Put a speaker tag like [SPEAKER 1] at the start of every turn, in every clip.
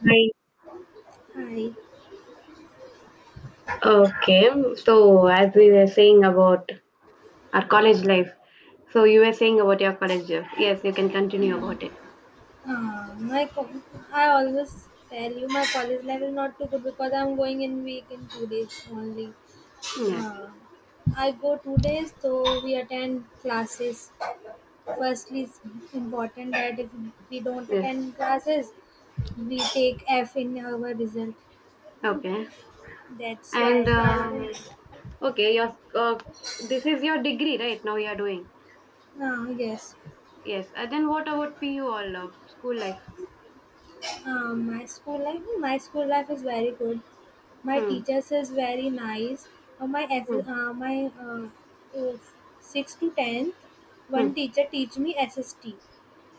[SPEAKER 1] Right.
[SPEAKER 2] Hi.
[SPEAKER 1] Okay. So, as we were saying about our college life, so you were saying about your college life. Yes, you can continue about it.
[SPEAKER 2] Uh, my co- I always tell you my college life is not too good because I'm going in week in 2 days only.
[SPEAKER 1] Yes.
[SPEAKER 2] Uh, I go 2 days, so we attend classes. Firstly, it's important that if we don't
[SPEAKER 1] Yes.
[SPEAKER 2] attend classes, we take F in our result.
[SPEAKER 1] Okay.
[SPEAKER 2] That's
[SPEAKER 1] And
[SPEAKER 2] why.
[SPEAKER 1] okay, your this is your degree, right? Now you are doing.
[SPEAKER 2] Uh, yes,
[SPEAKER 1] Yes. And then what about PU all school life?
[SPEAKER 2] my school life, no, my school life is very good. My
[SPEAKER 1] Hmm.
[SPEAKER 2] teachers is very nice. My S.
[SPEAKER 1] Hmm.
[SPEAKER 2] My uh, Six to tenth,
[SPEAKER 1] Hmm.
[SPEAKER 2] one teacher teach me SST.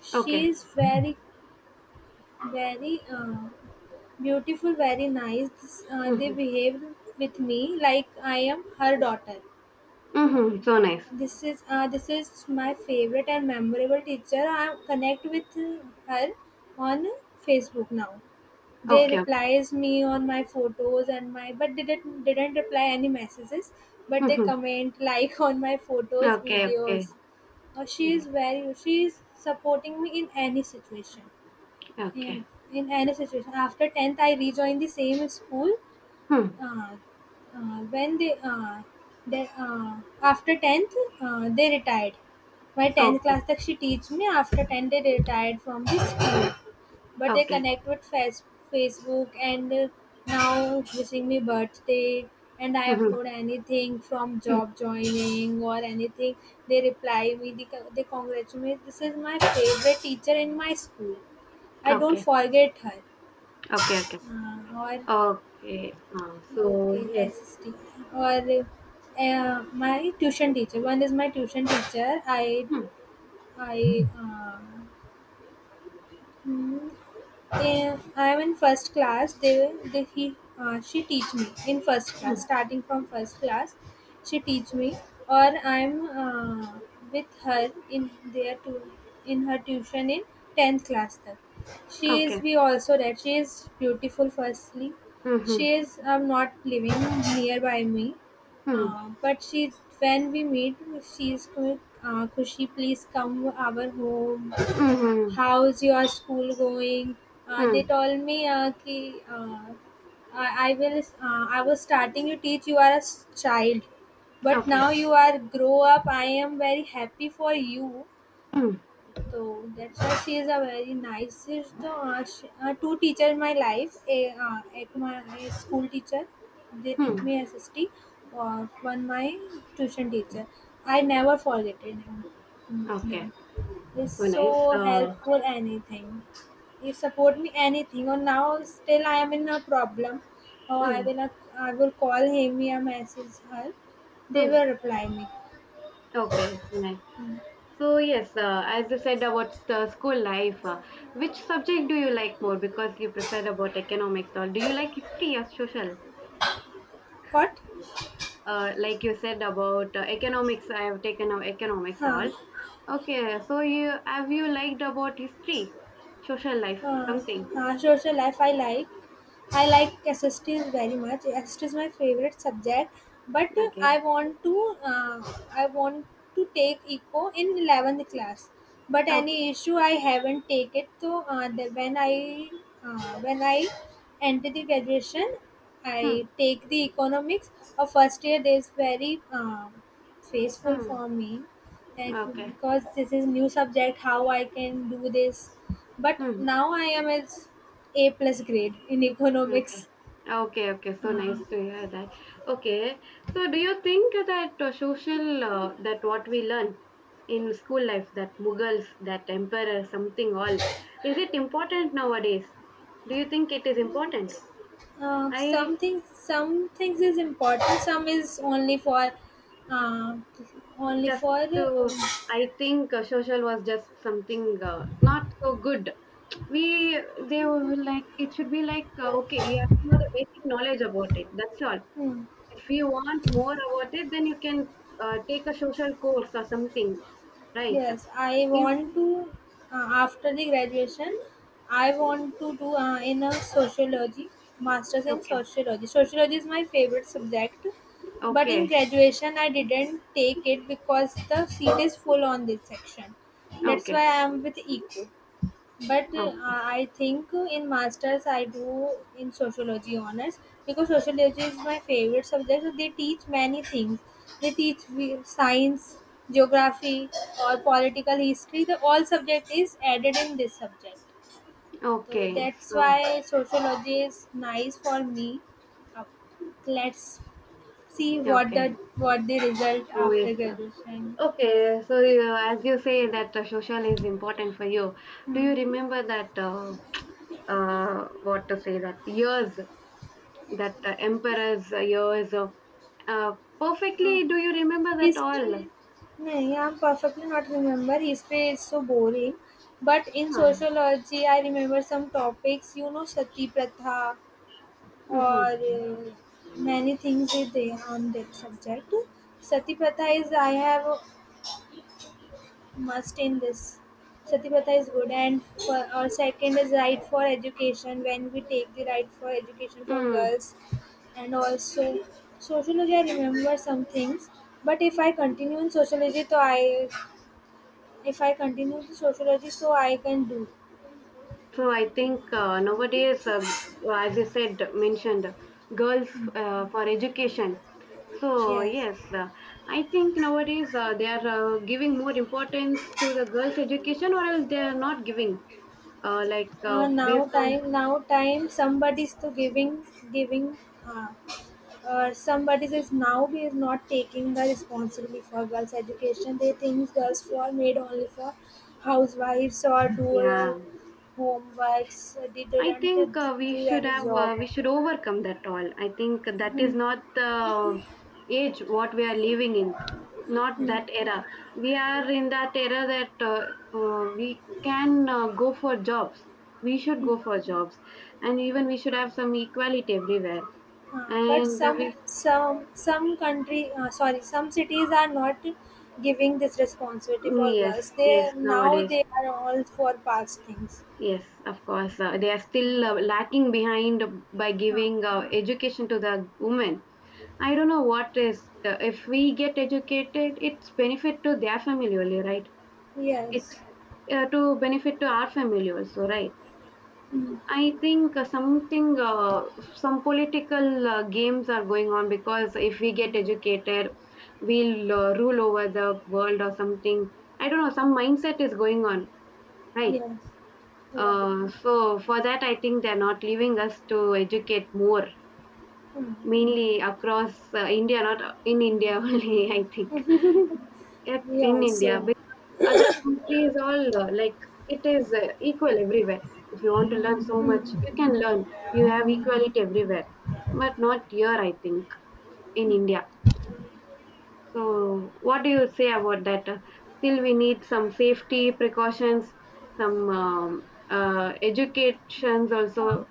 [SPEAKER 2] She
[SPEAKER 1] Okay.
[SPEAKER 2] is very very uh, beautiful, very nice. This, they
[SPEAKER 1] Mm-hmm.
[SPEAKER 2] behave with me like I am her daughter.
[SPEAKER 1] Mm-hmm. So nice.
[SPEAKER 2] This is my favorite and memorable teacher. I connect with her on Facebook now. They
[SPEAKER 1] Okay.
[SPEAKER 2] replies me on my photos and my, but didn't reply any messages, but they
[SPEAKER 1] Mm-hmm.
[SPEAKER 2] comment like on my photos
[SPEAKER 1] Okay. Okay.
[SPEAKER 2] videos.
[SPEAKER 1] Okay.
[SPEAKER 2] She is supporting me in any situation,
[SPEAKER 1] Okay.
[SPEAKER 2] in in any situation. After 10th I rejoined the same school.
[SPEAKER 1] Hmm.
[SPEAKER 2] Uh, when they After 10th, they retired. My 10th
[SPEAKER 1] Okay.
[SPEAKER 2] class that she teach me, after tenth, they retired from the school, but they
[SPEAKER 1] Okay.
[SPEAKER 2] connect with Facebook, and now wishing me birthday, and I
[SPEAKER 1] Mm-hmm.
[SPEAKER 2] upload anything from
[SPEAKER 1] Mm-hmm.
[SPEAKER 2] job joining or anything, they reply me. They congratulate me. This is my favorite teacher in my school. I don't
[SPEAKER 1] Okay.
[SPEAKER 2] forget her.
[SPEAKER 1] Okay. Okay.
[SPEAKER 2] Or
[SPEAKER 1] Okay, so
[SPEAKER 2] okay
[SPEAKER 1] yes.
[SPEAKER 2] assistant. Or My tuition teacher, one is my tuition teacher.
[SPEAKER 1] Mm,
[SPEAKER 2] I uh, I am in first class. She teach me in first
[SPEAKER 1] mm,
[SPEAKER 2] class. Starting from first class, she teach me, or I'm with her in in her tuition in tenth class. Then she is.
[SPEAKER 1] okay.
[SPEAKER 2] We also that she is beautiful. Firstly,
[SPEAKER 1] Mm-hmm,
[SPEAKER 2] she is. I'm not living nearby me,
[SPEAKER 1] mm-hmm,
[SPEAKER 2] but she, when we meet, she is good. Kushi, please come our home,
[SPEAKER 1] mm-hmm,
[SPEAKER 2] how's your school going? They
[SPEAKER 1] mm,
[SPEAKER 2] told me, ki, I will, I was starting to teach you, are a s- child, but
[SPEAKER 1] okay.
[SPEAKER 2] now you are grow up. I am very happy for you.
[SPEAKER 1] Mm,
[SPEAKER 2] So that's why she is a very nice. She's the sh two teacher in my life. A, at my A school teacher, they teach
[SPEAKER 1] mm,
[SPEAKER 2] me SST. Or one my tuition teacher. I never forget it. Mm,
[SPEAKER 1] okay.
[SPEAKER 2] them. It's
[SPEAKER 1] So
[SPEAKER 2] so
[SPEAKER 1] nice.
[SPEAKER 2] helpful. Anything. He support me anything. Or now still I am in a problem. Or I
[SPEAKER 1] Mm,
[SPEAKER 2] will not, I will call him or message her. They
[SPEAKER 1] mm,
[SPEAKER 2] will reply me.
[SPEAKER 1] okay, so nice. So yes, as you said about the school life, which subject do you like more? Because you preferred about economics, or do you like history or social?
[SPEAKER 2] What?
[SPEAKER 1] Like you said about economics, I have taken out economics
[SPEAKER 2] Huh.
[SPEAKER 1] all. Okay, so you have you liked about history, social life,
[SPEAKER 2] uh,
[SPEAKER 1] something?
[SPEAKER 2] Social life I like. I like SSTs very much. SST is my favorite subject, but
[SPEAKER 1] Okay.
[SPEAKER 2] I want to take eco in 11th class, but any
[SPEAKER 1] Okay.
[SPEAKER 2] issue I haven't take it. So the, when I when I enter the graduation,
[SPEAKER 1] Hmm.
[SPEAKER 2] I take the economics of first year. There is very faithful
[SPEAKER 1] Hmm.
[SPEAKER 2] for me, like,
[SPEAKER 1] Okay.
[SPEAKER 2] because this is new subject, how I can do this? But
[SPEAKER 1] Hmm.
[SPEAKER 2] now I am as a plus grade in
[SPEAKER 1] Okay.
[SPEAKER 2] economics.
[SPEAKER 1] Okay. Okay. So nice
[SPEAKER 2] uh,
[SPEAKER 1] to hear that. Okay. So do you think that social that what we learn in school life, that Mughals, that emperor something all, is it important nowadays? Do you think it is important? I
[SPEAKER 2] some things, some things is important, some is only for uh, only
[SPEAKER 1] just
[SPEAKER 2] for um,
[SPEAKER 1] to I think social was just something not so good. We they were like it should be like, okay, you have to know the basic knowledge about it. That's all.
[SPEAKER 2] hmm,
[SPEAKER 1] If you want more about it, then you can take a social course or something, right?
[SPEAKER 2] Yes, I
[SPEAKER 1] Yes.
[SPEAKER 2] want to, uh, after the graduation, I want to do in a sociology, master's in
[SPEAKER 1] Okay.
[SPEAKER 2] sociology. Sociology is my favorite subject, but in
[SPEAKER 1] Okay.
[SPEAKER 2] graduation, I didn't take it because the seat is full on this section. That's
[SPEAKER 1] Okay.
[SPEAKER 2] why I am with eco, but
[SPEAKER 1] Okay.
[SPEAKER 2] I think in masters I do in sociology honors, because sociology is my favorite subject. So they teach many things. They teach science, geography, or political history. The all subject is added in this subject, so
[SPEAKER 1] Okay.
[SPEAKER 2] that's why
[SPEAKER 1] So,
[SPEAKER 2] sociology is nice for me. uh, let's see
[SPEAKER 1] okay.
[SPEAKER 2] what the result
[SPEAKER 1] So, yes.
[SPEAKER 2] after graduation.
[SPEAKER 1] Okay. So, you, as you say that social is important for you, do you remember that, what to say, that years, that emperor's years? Uh,
[SPEAKER 2] uh,
[SPEAKER 1] Perfectly, do you remember that
[SPEAKER 2] hist-
[SPEAKER 1] all? Yes.
[SPEAKER 2] नहीं, I'm perfectly not remember. History is so boring. But in sociology, I remember some topics, you know, sati pratha,
[SPEAKER 1] Mm-hmm. Huh. Hmm.
[SPEAKER 2] or many things is there on that subject. Sati pratha is I have a must in this. Sati pratha is good, and for, or second is right for education, when we take the right for education for
[SPEAKER 1] Mm.
[SPEAKER 2] girls, and also sociology I remember some things, but if I continue in sociology, so I, if I continue the sociology, so I can do.
[SPEAKER 1] So I think nowadays, as you said, mentioned, girls for education. So
[SPEAKER 2] Yes.
[SPEAKER 1] yes, I think nowadays they are giving more importance to the girls' education, or else they are not giving. Like
[SPEAKER 2] Now
[SPEAKER 1] based on
[SPEAKER 2] time, now time. Somebody's to giving, giving. Uh, Somebody says now he is not taking the responsibility for girls' education. They think girls are made only for housewives or do your
[SPEAKER 1] yeah,
[SPEAKER 2] homeworks. They
[SPEAKER 1] I
[SPEAKER 2] don't
[SPEAKER 1] think we
[SPEAKER 2] do
[SPEAKER 1] should
[SPEAKER 2] any
[SPEAKER 1] have,
[SPEAKER 2] job.
[SPEAKER 1] we should overcome that all. I think that is not the age what we are living in, not that era. We are in that era that we can go for jobs. We should go for jobs, and even we should have some equality everywhere.
[SPEAKER 2] But
[SPEAKER 1] And uh,
[SPEAKER 2] some
[SPEAKER 1] we,
[SPEAKER 2] some some country sorry, some cities are not giving this responsibility
[SPEAKER 1] mm,
[SPEAKER 2] for
[SPEAKER 1] yes,
[SPEAKER 2] girls. They
[SPEAKER 1] yes,
[SPEAKER 2] now
[SPEAKER 1] nowadays,
[SPEAKER 2] they are all for past things.
[SPEAKER 1] yes, of course, they are still lacking behind by
[SPEAKER 2] Uh,
[SPEAKER 1] giving education to the women. I don't know what is, if we get educated, it's benefit to their family only, right? It's
[SPEAKER 2] yes,
[SPEAKER 1] to benefit to our family also, right? I think some political games are going on, because if we get educated, we'll rule over the world or something. I don't know. Some mindset is going on, right?
[SPEAKER 2] yes, right.
[SPEAKER 1] So for that, I think they're not leaving us to educate more,
[SPEAKER 2] Hmm,
[SPEAKER 1] mainly across India, not in India only. I think. Yep,
[SPEAKER 2] we
[SPEAKER 1] in
[SPEAKER 2] also,
[SPEAKER 1] India. Yeah. Other countries all, like it is equal everywhere. If you want to learn so much, you can learn. You have equality everywhere, but not here, I think, in India. So, what do you say about that? Still, we need some safety precautions, some educations also,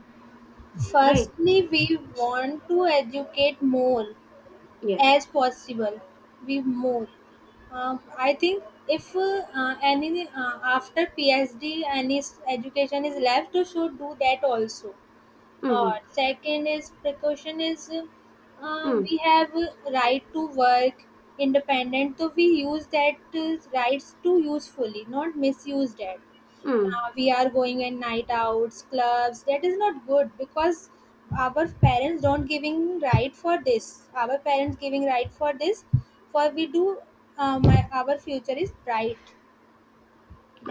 [SPEAKER 1] right?
[SPEAKER 2] firstly we want to educate more
[SPEAKER 1] Yes.
[SPEAKER 2] as possible. We more, I think if any after PhD any s- education is left, you should do that also.
[SPEAKER 1] Mm-hmm.
[SPEAKER 2] Second is, precaution is,
[SPEAKER 1] Mm-hmm.
[SPEAKER 2] we have right to work independent, so we use that rights to usefully, not misuse that.
[SPEAKER 1] Mm.
[SPEAKER 2] We are going in night outs, clubs. That is not good, because our parents don't giving right for this. Our parents giving right for this, for we do. My, our future is bright.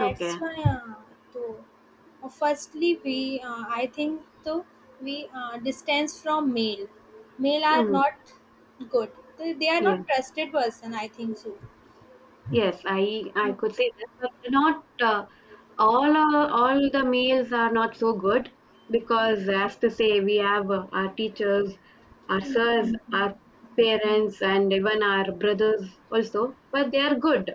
[SPEAKER 1] Okay.
[SPEAKER 2] why though firstly we I think, though we, distance from male, are
[SPEAKER 1] Mm-hmm.
[SPEAKER 2] not good. They are not trusted person, I think so.
[SPEAKER 1] Yes, I could say that, but not all the meals are not so good, because, as to say, we have our teachers, our sirs, our parents, and even our brothers also. But they are good.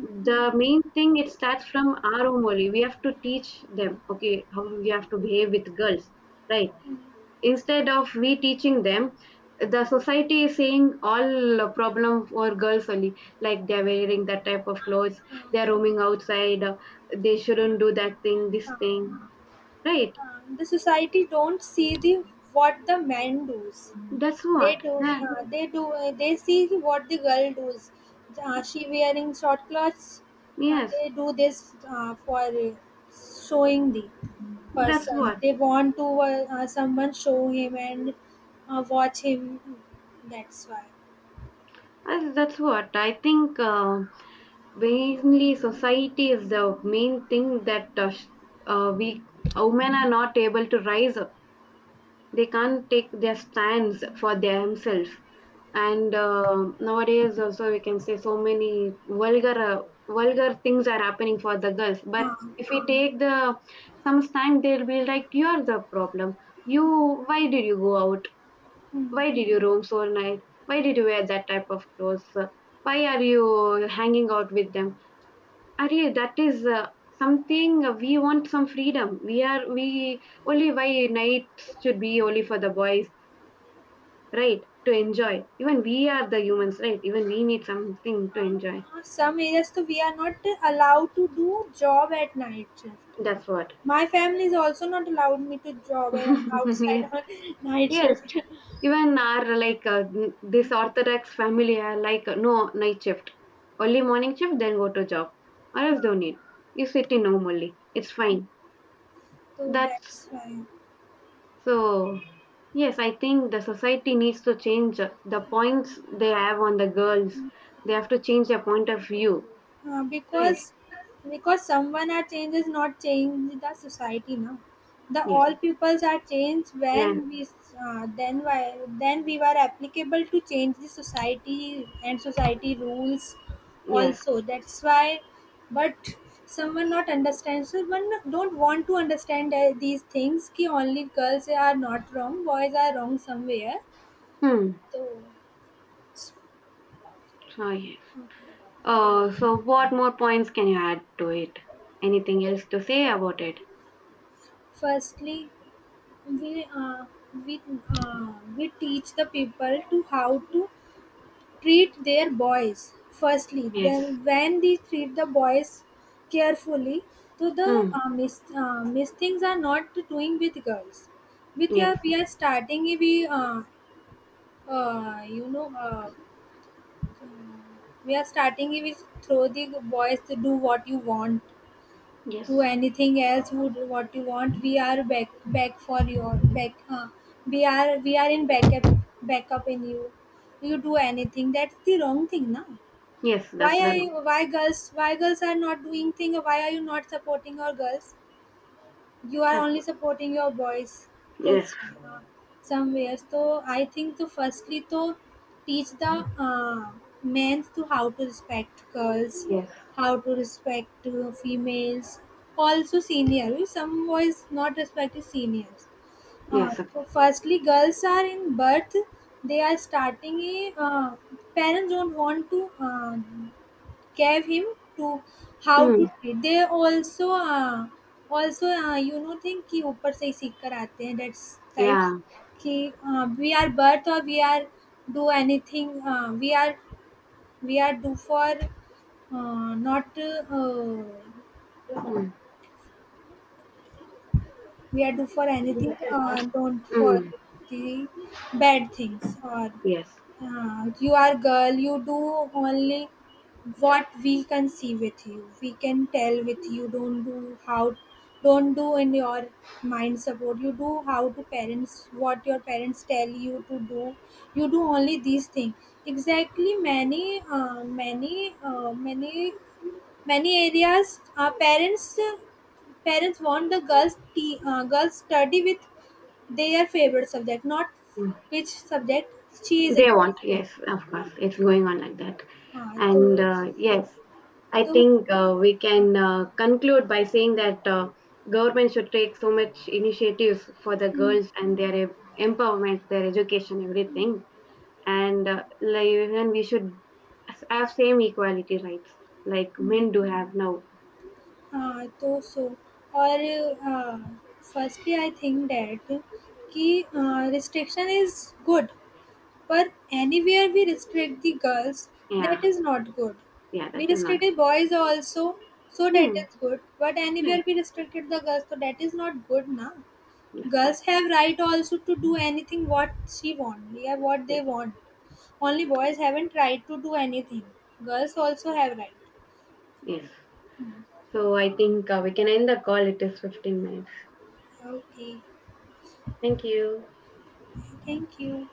[SPEAKER 1] The main thing, it starts from our home only. We have to teach them. Okay, how we have to behave with girls, right? Instead of we teaching them, the society is saying all problem for girls only. Like they're wearing that type of clothes, they're roaming outside, they shouldn't do that thing, this
[SPEAKER 2] Uh, uh,
[SPEAKER 1] thing. Right.
[SPEAKER 2] the society don't see the, what the man does.
[SPEAKER 1] That's
[SPEAKER 2] they
[SPEAKER 1] what.
[SPEAKER 2] do
[SPEAKER 1] That,
[SPEAKER 2] they do they see what the girl does. Uh, she wearing short clothes.
[SPEAKER 1] yes.
[SPEAKER 2] They do this for showing the
[SPEAKER 1] That's
[SPEAKER 2] person.
[SPEAKER 1] what.
[SPEAKER 2] They want to someone show him and watch him. That's why
[SPEAKER 1] That's what. I think mainly society is the main thing that we women are not able to rise, they can't take their stands for themselves, and nowadays also we can say so many vulgar things are happening for the girls, but
[SPEAKER 2] uh,
[SPEAKER 1] if we take the some stand, they'll be like, you're the problem, you, why did you go out, why did you roam so night, why did you wear that type of clothes, why are you hanging out with them, are you that, is something, we want some freedom, we are, we only, why nights should be only for the boys, right to enjoy, even we are the humans, right, even we need something to enjoy.
[SPEAKER 2] some areas, so we are not allowed to do job at night.
[SPEAKER 1] That's what.
[SPEAKER 2] My family is also not allowed me to job outside
[SPEAKER 1] Yes,
[SPEAKER 2] on night
[SPEAKER 1] yes.
[SPEAKER 2] shift.
[SPEAKER 1] Even our, like, this orthodox family are like, no night shift, only morning shift, then go to job, or else don't need, you sit in home only, it's fine.
[SPEAKER 2] So
[SPEAKER 1] That's,
[SPEAKER 2] that's why.
[SPEAKER 1] so, yes, I think the society needs to change the points they have on the girls, they have to change their point of view,
[SPEAKER 2] Uh,
[SPEAKER 1] right.
[SPEAKER 2] because because someone are changed is not change the society now. The
[SPEAKER 1] Yes.
[SPEAKER 2] all peoples are changed
[SPEAKER 1] Yeah.
[SPEAKER 2] when we, then why, then we were applicable to change the society and society rules
[SPEAKER 1] Yes.
[SPEAKER 2] also. That's why, but someone not understand. So one don't want to understand these things. Ki only girls are not wrong, boys are wrong somewhere.
[SPEAKER 1] Hmm.
[SPEAKER 2] So
[SPEAKER 1] Oh, yes. So, what more points can you add to it? Anything else to say about it?
[SPEAKER 2] firstly, we uh, we we teach the people to how to treat their boys. Firstly,
[SPEAKER 1] Yes.
[SPEAKER 2] then when they treat the boys carefully, so the
[SPEAKER 1] Mm.
[SPEAKER 2] mis things are not doing with girls. With
[SPEAKER 1] Yes.
[SPEAKER 2] her, we are starting. We you know We are starting with throw the boys to do what you want to
[SPEAKER 1] Yes.
[SPEAKER 2] anything else would what you want. We are back, back for your back. We are in backup, backup in you. You do anything, that's the wrong thing now.
[SPEAKER 1] Yes,
[SPEAKER 2] why
[SPEAKER 1] that's the
[SPEAKER 2] I
[SPEAKER 1] rule.
[SPEAKER 2] why girls, why girls are not doing thing? Why are you not supporting your girls? You are
[SPEAKER 1] That's
[SPEAKER 2] only
[SPEAKER 1] all.
[SPEAKER 2] supporting your boys.
[SPEAKER 1] Yes.
[SPEAKER 2] That's why somewhere, so I think so firstly to teach the uh, men to how to respect girls,
[SPEAKER 1] Yes.
[SPEAKER 2] how to respect females. Also, senior, some boys not respecting seniors. Uh,
[SPEAKER 1] Yes.
[SPEAKER 2] so firstly girls are in birth. They are starting a, parents don't want to gave him to how
[SPEAKER 1] Mm.
[SPEAKER 2] to treat. They also you know think कि ऊपर से ही सीख कर आते हैं. That's types
[SPEAKER 1] Yeah.
[SPEAKER 2] कि we are birth और we are do anything. We are, do for not,
[SPEAKER 1] Mm.
[SPEAKER 2] we are do for anything, don't for
[SPEAKER 1] Mm.
[SPEAKER 2] the bad things. Or
[SPEAKER 1] Yes.
[SPEAKER 2] you are girl, you do only what we can see with you, we can tell with you. Don't do how, don't do in your mind, support you do how to parents, what your parents tell you to do, you do only these things. Exactly, many, many areas parents want the girls girls study with their favorite subject, not
[SPEAKER 1] Mm.
[SPEAKER 2] which subject she is
[SPEAKER 1] They want,
[SPEAKER 2] interested.
[SPEAKER 1] yes, of
[SPEAKER 2] Uh,
[SPEAKER 1] course. It's going on like that.
[SPEAKER 2] हाँ तो
[SPEAKER 1] And
[SPEAKER 2] so,
[SPEAKER 1] yes, I
[SPEAKER 2] तो
[SPEAKER 1] think we can conclude by saying that government should take so much initiatives for the girls and their empowerment, their education, everything. And like, even we should have same equality rights like men do have now.
[SPEAKER 2] हाँ तो so और firstly I think that कि restriction is good. But anywhere we restrict the girls, that
[SPEAKER 1] Yeah,
[SPEAKER 2] is not good.
[SPEAKER 1] yeah,
[SPEAKER 2] We
[SPEAKER 1] that is not
[SPEAKER 2] restricted
[SPEAKER 1] good.
[SPEAKER 2] boys also, so that
[SPEAKER 1] Hmm.
[SPEAKER 2] is good. But anywhere
[SPEAKER 1] Yes,
[SPEAKER 2] we restricted the girls, so that is not good now.
[SPEAKER 1] that's what.
[SPEAKER 2] Girls have right also to do anything what she want, yeah, what
[SPEAKER 1] Yes,
[SPEAKER 2] they want. Only boys haven't right to do anything. Girls also have right.
[SPEAKER 1] yes. So I think we can end the call. It is 15 minutes.
[SPEAKER 2] Okay,
[SPEAKER 1] Thank you.
[SPEAKER 2] thank you.